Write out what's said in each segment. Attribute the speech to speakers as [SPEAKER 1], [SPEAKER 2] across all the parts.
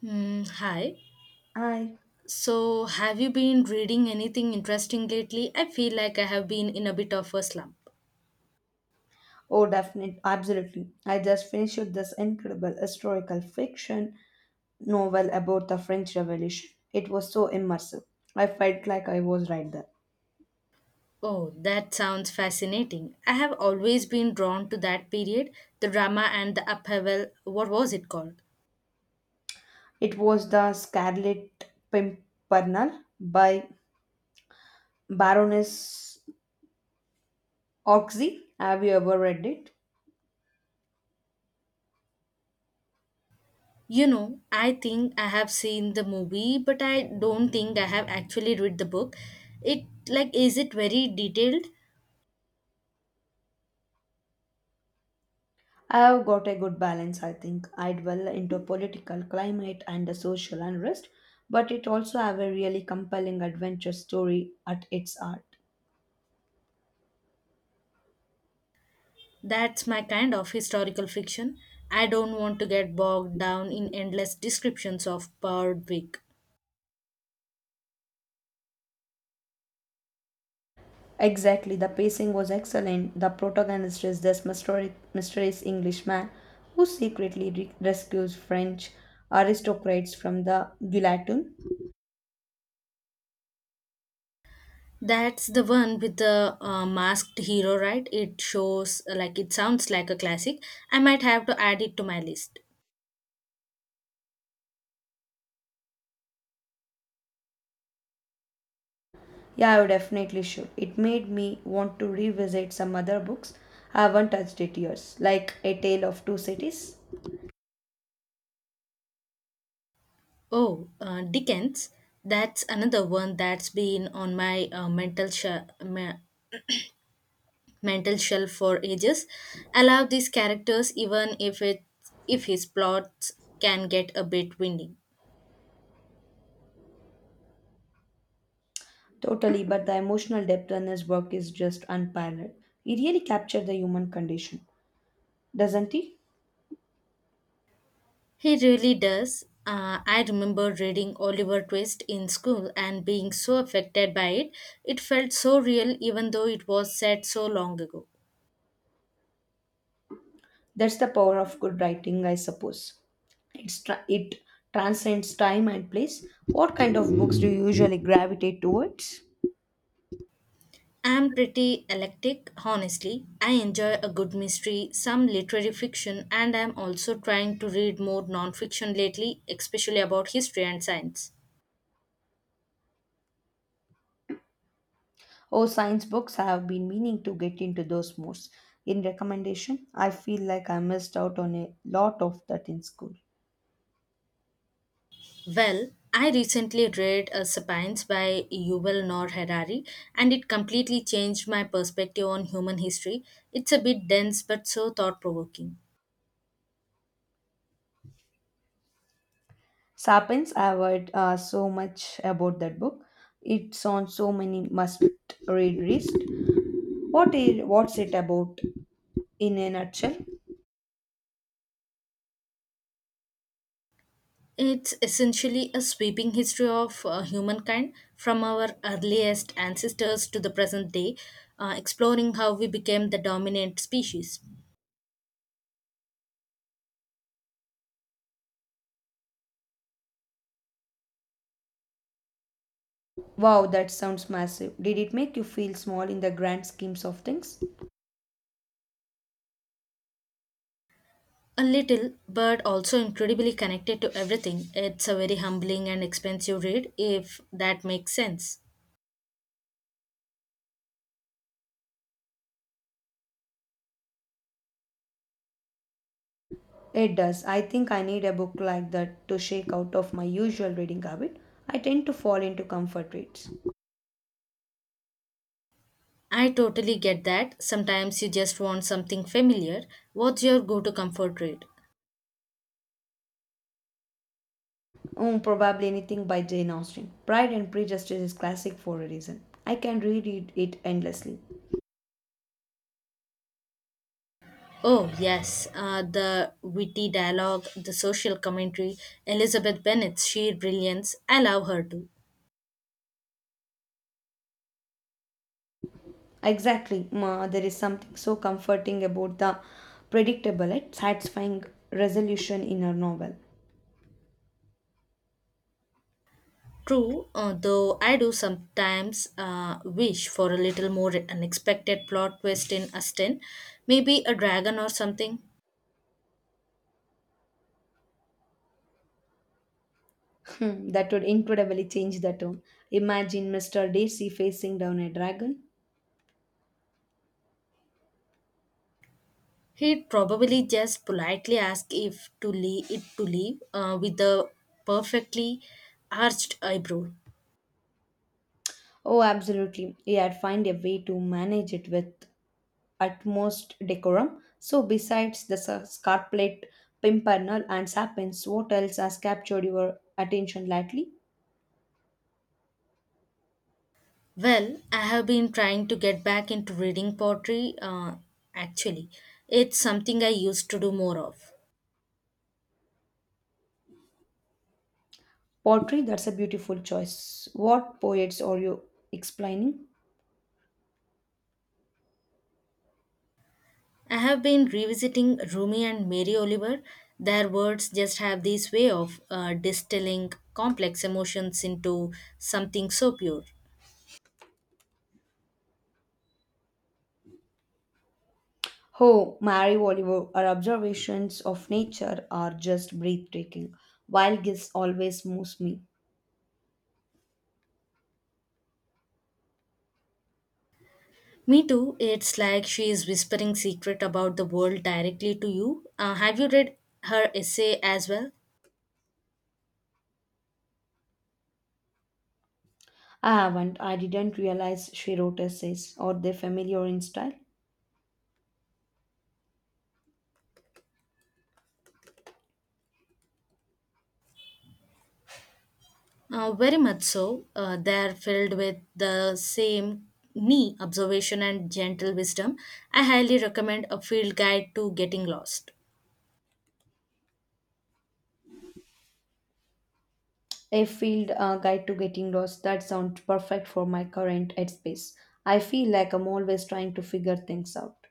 [SPEAKER 1] Hmm. Hi.
[SPEAKER 2] I
[SPEAKER 1] So, have you been reading anything interesting lately? I feel like I have been in a bit of a slump.
[SPEAKER 2] Oh, definitely, absolutely. I just finished this incredible historical fiction novel about the French Revolution. It was so immersive. I felt like I was right there.
[SPEAKER 1] Oh, that sounds fascinating. I have always been drawn to that period, the drama and the upheaval. What was it called?
[SPEAKER 2] It was the Scarlet Pimpernel by Baroness Oxy. Have you ever read it?
[SPEAKER 1] You know, I think I have seen the movie, but I don't think I have actually read the book. It like is it very detailed?
[SPEAKER 2] I have got a good balance, I think. I dwell into political climate and the social unrest, but it also have a really compelling adventure story at its heart.
[SPEAKER 1] That's my kind of historical fiction. I don't want to get bogged down in endless descriptions of Berwick.
[SPEAKER 2] Exactly, the pacing was excellent. The protagonist is this mysterious Englishman who secretly rescues French aristocrats from the guillotine.
[SPEAKER 1] That's the one with the masked hero, right? It shows like it sounds like a classic. I might have to add it to my list.
[SPEAKER 2] Yeah, I definitely should. It made me want to revisit some other books I haven't touched it years, like A Tale of Two Cities.
[SPEAKER 1] Oh, Dickens. That's another one that's been on my mental shelf for ages. I love these characters, even if it if his plots can get a bit windy.
[SPEAKER 2] Totally, but the emotional depth in his work is just unparalleled. He really captured the human condition, doesn't he?
[SPEAKER 1] He really does. I remember reading Oliver Twist in school and being so affected by it. It felt so real, even though it was said so long ago.
[SPEAKER 2] That's the power of good writing, I suppose. It transcends time and place. What kind of books do you usually gravitate towards?
[SPEAKER 1] I'm pretty eclectic, honestly. I enjoy a good mystery, some literary fiction, and I'm also trying to read more non fiction lately, especially about history and science.
[SPEAKER 2] Oh, science books. I have been meaning to get into those more. In recommendation, I feel like I missed out on a lot of that in school.
[SPEAKER 1] Well, I recently read Sapiens by Yuval Noah Harari, and it completely changed my perspective on human history. It's a bit dense but so thought provoking.
[SPEAKER 2] Sapiens, I have heard so much about that book. It's on so many must read lists. What's it about in a nutshell?
[SPEAKER 1] It's essentially a sweeping history of humankind from our earliest ancestors to the present day, exploring how we became the dominant species.
[SPEAKER 2] Wow, that sounds massive. Did it make you feel small in the grand schemes of things?
[SPEAKER 1] A little, but also incredibly connected to everything. It's a very humbling and expensive read, if that makes sense.
[SPEAKER 2] It does. I think I need a book like that to shake out of my usual reading habit. I tend to fall into comfort reads.
[SPEAKER 1] I totally get that. Sometimes you just want something familiar. What's your go to comfort read?
[SPEAKER 2] Oh, probably anything by Jane Austen. Pride and Prejudice is classic for a reason. I can reread it endlessly.
[SPEAKER 1] Oh, yes, the witty dialogue, the social commentary, Elizabeth Bennet's sheer brilliance. I love her too.
[SPEAKER 2] Exactly. Ma, there is something so comforting about the predictable and satisfying resolution in a novel.
[SPEAKER 1] True, though I do sometimes wish for a little more unexpected plot twist in Aston, maybe a dragon or something.
[SPEAKER 2] Hmm, that would incredibly change the tone. Imagine Mr. Darcy facing down a dragon.
[SPEAKER 1] He'd probably just politely ask if to leave with the perfectly arched eyebrow.
[SPEAKER 2] Oh, absolutely. He had find a way to manage it with utmost decorum. So, besides the Scarlet Pimpernel and Sapiens, what else has captured your attention lately?
[SPEAKER 1] Well, I have been trying to get back into reading poetry, actually. It's something I used to do more of.
[SPEAKER 2] Pottery, that's a beautiful choice. What poets are you explaining?
[SPEAKER 1] I have been revisiting Rumi and Mary Oliver. Their words just have this way of distilling complex emotions into something so pure.
[SPEAKER 2] Oh, Mary Oliver, her observations of nature are just breathtaking. Wild Guess always moves me.
[SPEAKER 1] Me too, it's like she is whispering secret about the world directly to you. Have you read her essay as well?
[SPEAKER 2] I haven't. I didn't realize she wrote essays. Are they familiar in style?
[SPEAKER 1] Very much so. They are filled with the same knee observation and gentle wisdom. I highly recommend a field guide to getting lost.
[SPEAKER 2] A field guide to getting lost. That sounds perfect for my current headspace. I feel like I'm always trying to figure things out.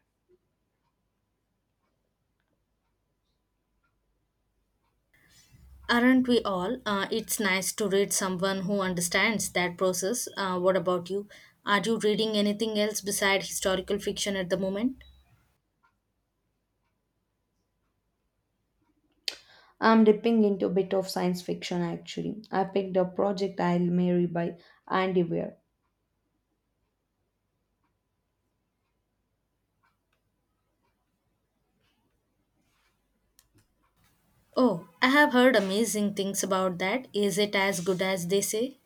[SPEAKER 1] Aren't we all? It's nice to read someone who understands that process. What about you? Are you reading anything else beside historical fiction at the moment?
[SPEAKER 2] I'm dipping into a bit of science fiction actually. I picked up Project Isle Mary by Andy Weir.
[SPEAKER 1] Oh, I have heard amazing things about that. Is it as good as they say?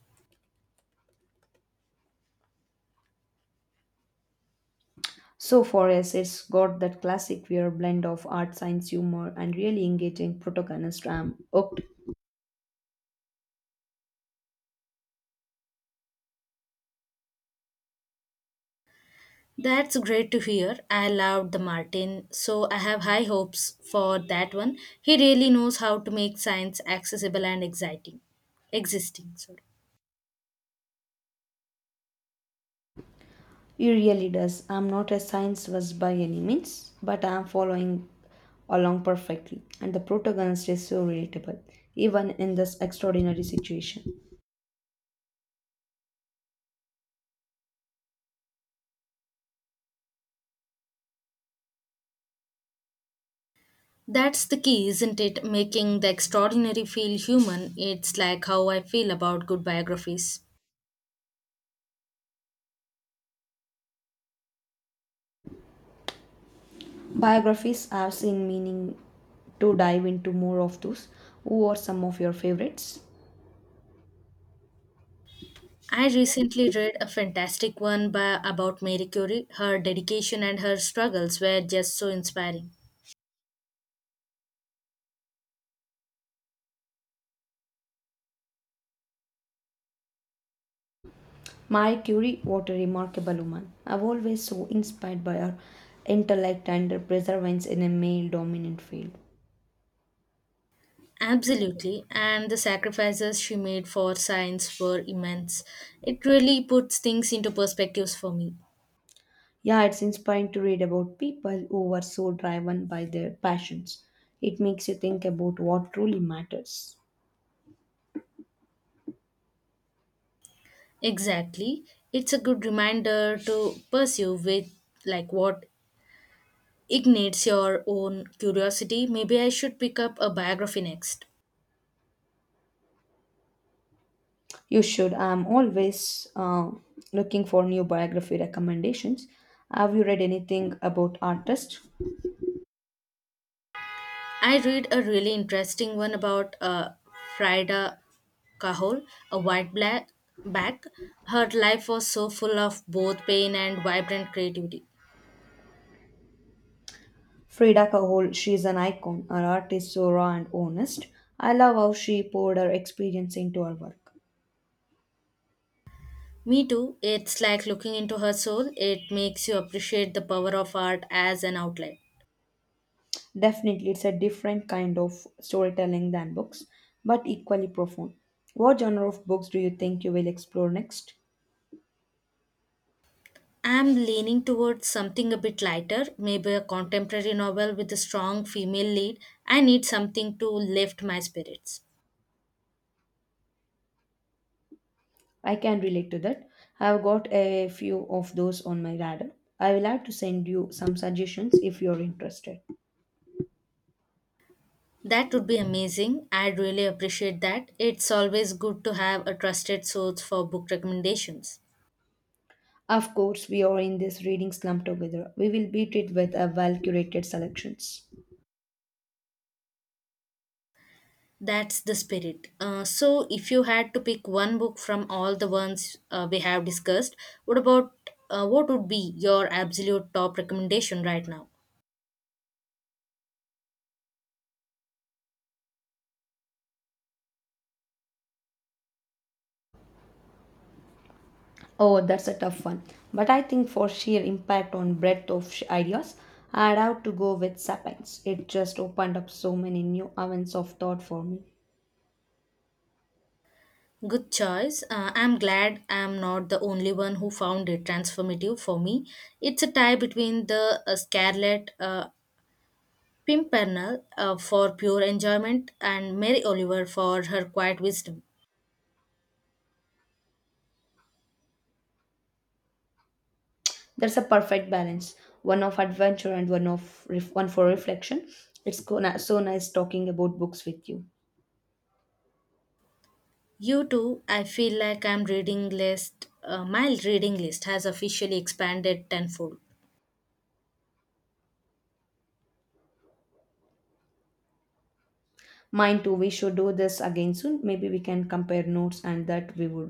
[SPEAKER 2] So far as it's got that classic Weir blend of art, science, humor, and really engaging protagonist, I'm hooked.
[SPEAKER 1] That's great to hear. I loved the Martin, so I have high hopes for that one. He really knows how to make science accessible and exciting. Existing, sorry.
[SPEAKER 2] He really does. I'm not a science was by any means, but I'm following along perfectly. And the protagonist is so relatable, even in this extraordinary situation.
[SPEAKER 1] That's the key, isn't it? Making the extraordinary feel human. It's like how I feel about good biographies.
[SPEAKER 2] Biographies I have seen meaning to dive into more of those. Who are some of your favorites?
[SPEAKER 1] I recently read a fantastic one by about Marie Curie. Her dedication and her struggles were just so inspiring.
[SPEAKER 2] Marie Curie, what a remarkable woman. I've always so inspired by her intellect and her perseverance in a male dominant field.
[SPEAKER 1] Absolutely, and the sacrifices she made for science were immense. It really puts things into perspectives for me.
[SPEAKER 2] Yeah, it's inspiring to read about people who were so driven by their passions. It makes you think about what truly matters.
[SPEAKER 1] Exactly. It's a good reminder to pursue with like what ignites your own curiosity. Maybe I should pick up a biography next.
[SPEAKER 2] You should. I'm always looking for new biography recommendations. Have you read anything about artists?
[SPEAKER 1] I read a really interesting one about Frida Kahlo, a white black back. Her life was so full of both pain and vibrant creativity.
[SPEAKER 2] Frida Kahlo, she's an icon. Her art is so raw and honest. I love how she poured her experience into her work.
[SPEAKER 1] Me too. It's like looking into her soul. It makes you appreciate the power of art as an outlet.
[SPEAKER 2] Definitely, it's a different kind of storytelling than books, but equally profound. What genre of books do you think you will explore next?
[SPEAKER 1] I'm leaning towards something a bit lighter, maybe a contemporary novel with a strong female lead. I need something to lift my spirits.
[SPEAKER 2] I can relate to that. I've got a few of those on my radar. I will have to send you some suggestions if you're interested.
[SPEAKER 1] That would be amazing. I'd really appreciate that. It's always good to have a trusted source for book recommendations.
[SPEAKER 2] Of course, we are in this reading slump together. We will beat it with a well curated selections.
[SPEAKER 1] That's the spirit. So, if you had to pick one book from all the ones we have discussed, what about what would be your absolute top recommendation right now?
[SPEAKER 2] Oh, that's a tough one. But I think for sheer impact on breadth of ideas, I'd have to go with Sapiens. It just opened up so many new avenues of thought for me.
[SPEAKER 1] Good choice. I'm glad I'm not the only one who found it transformative for me. It's a tie between the Scarlet Pimpernel for pure enjoyment and Mary Oliver for her quiet wisdom.
[SPEAKER 2] There's a perfect balance, one of adventure and one for reflection. It's so nice talking about books with you.
[SPEAKER 1] You too, I feel like my reading list has officially expanded tenfold.
[SPEAKER 2] Mine too. We should do this again soon. Maybe we can compare notes and that we would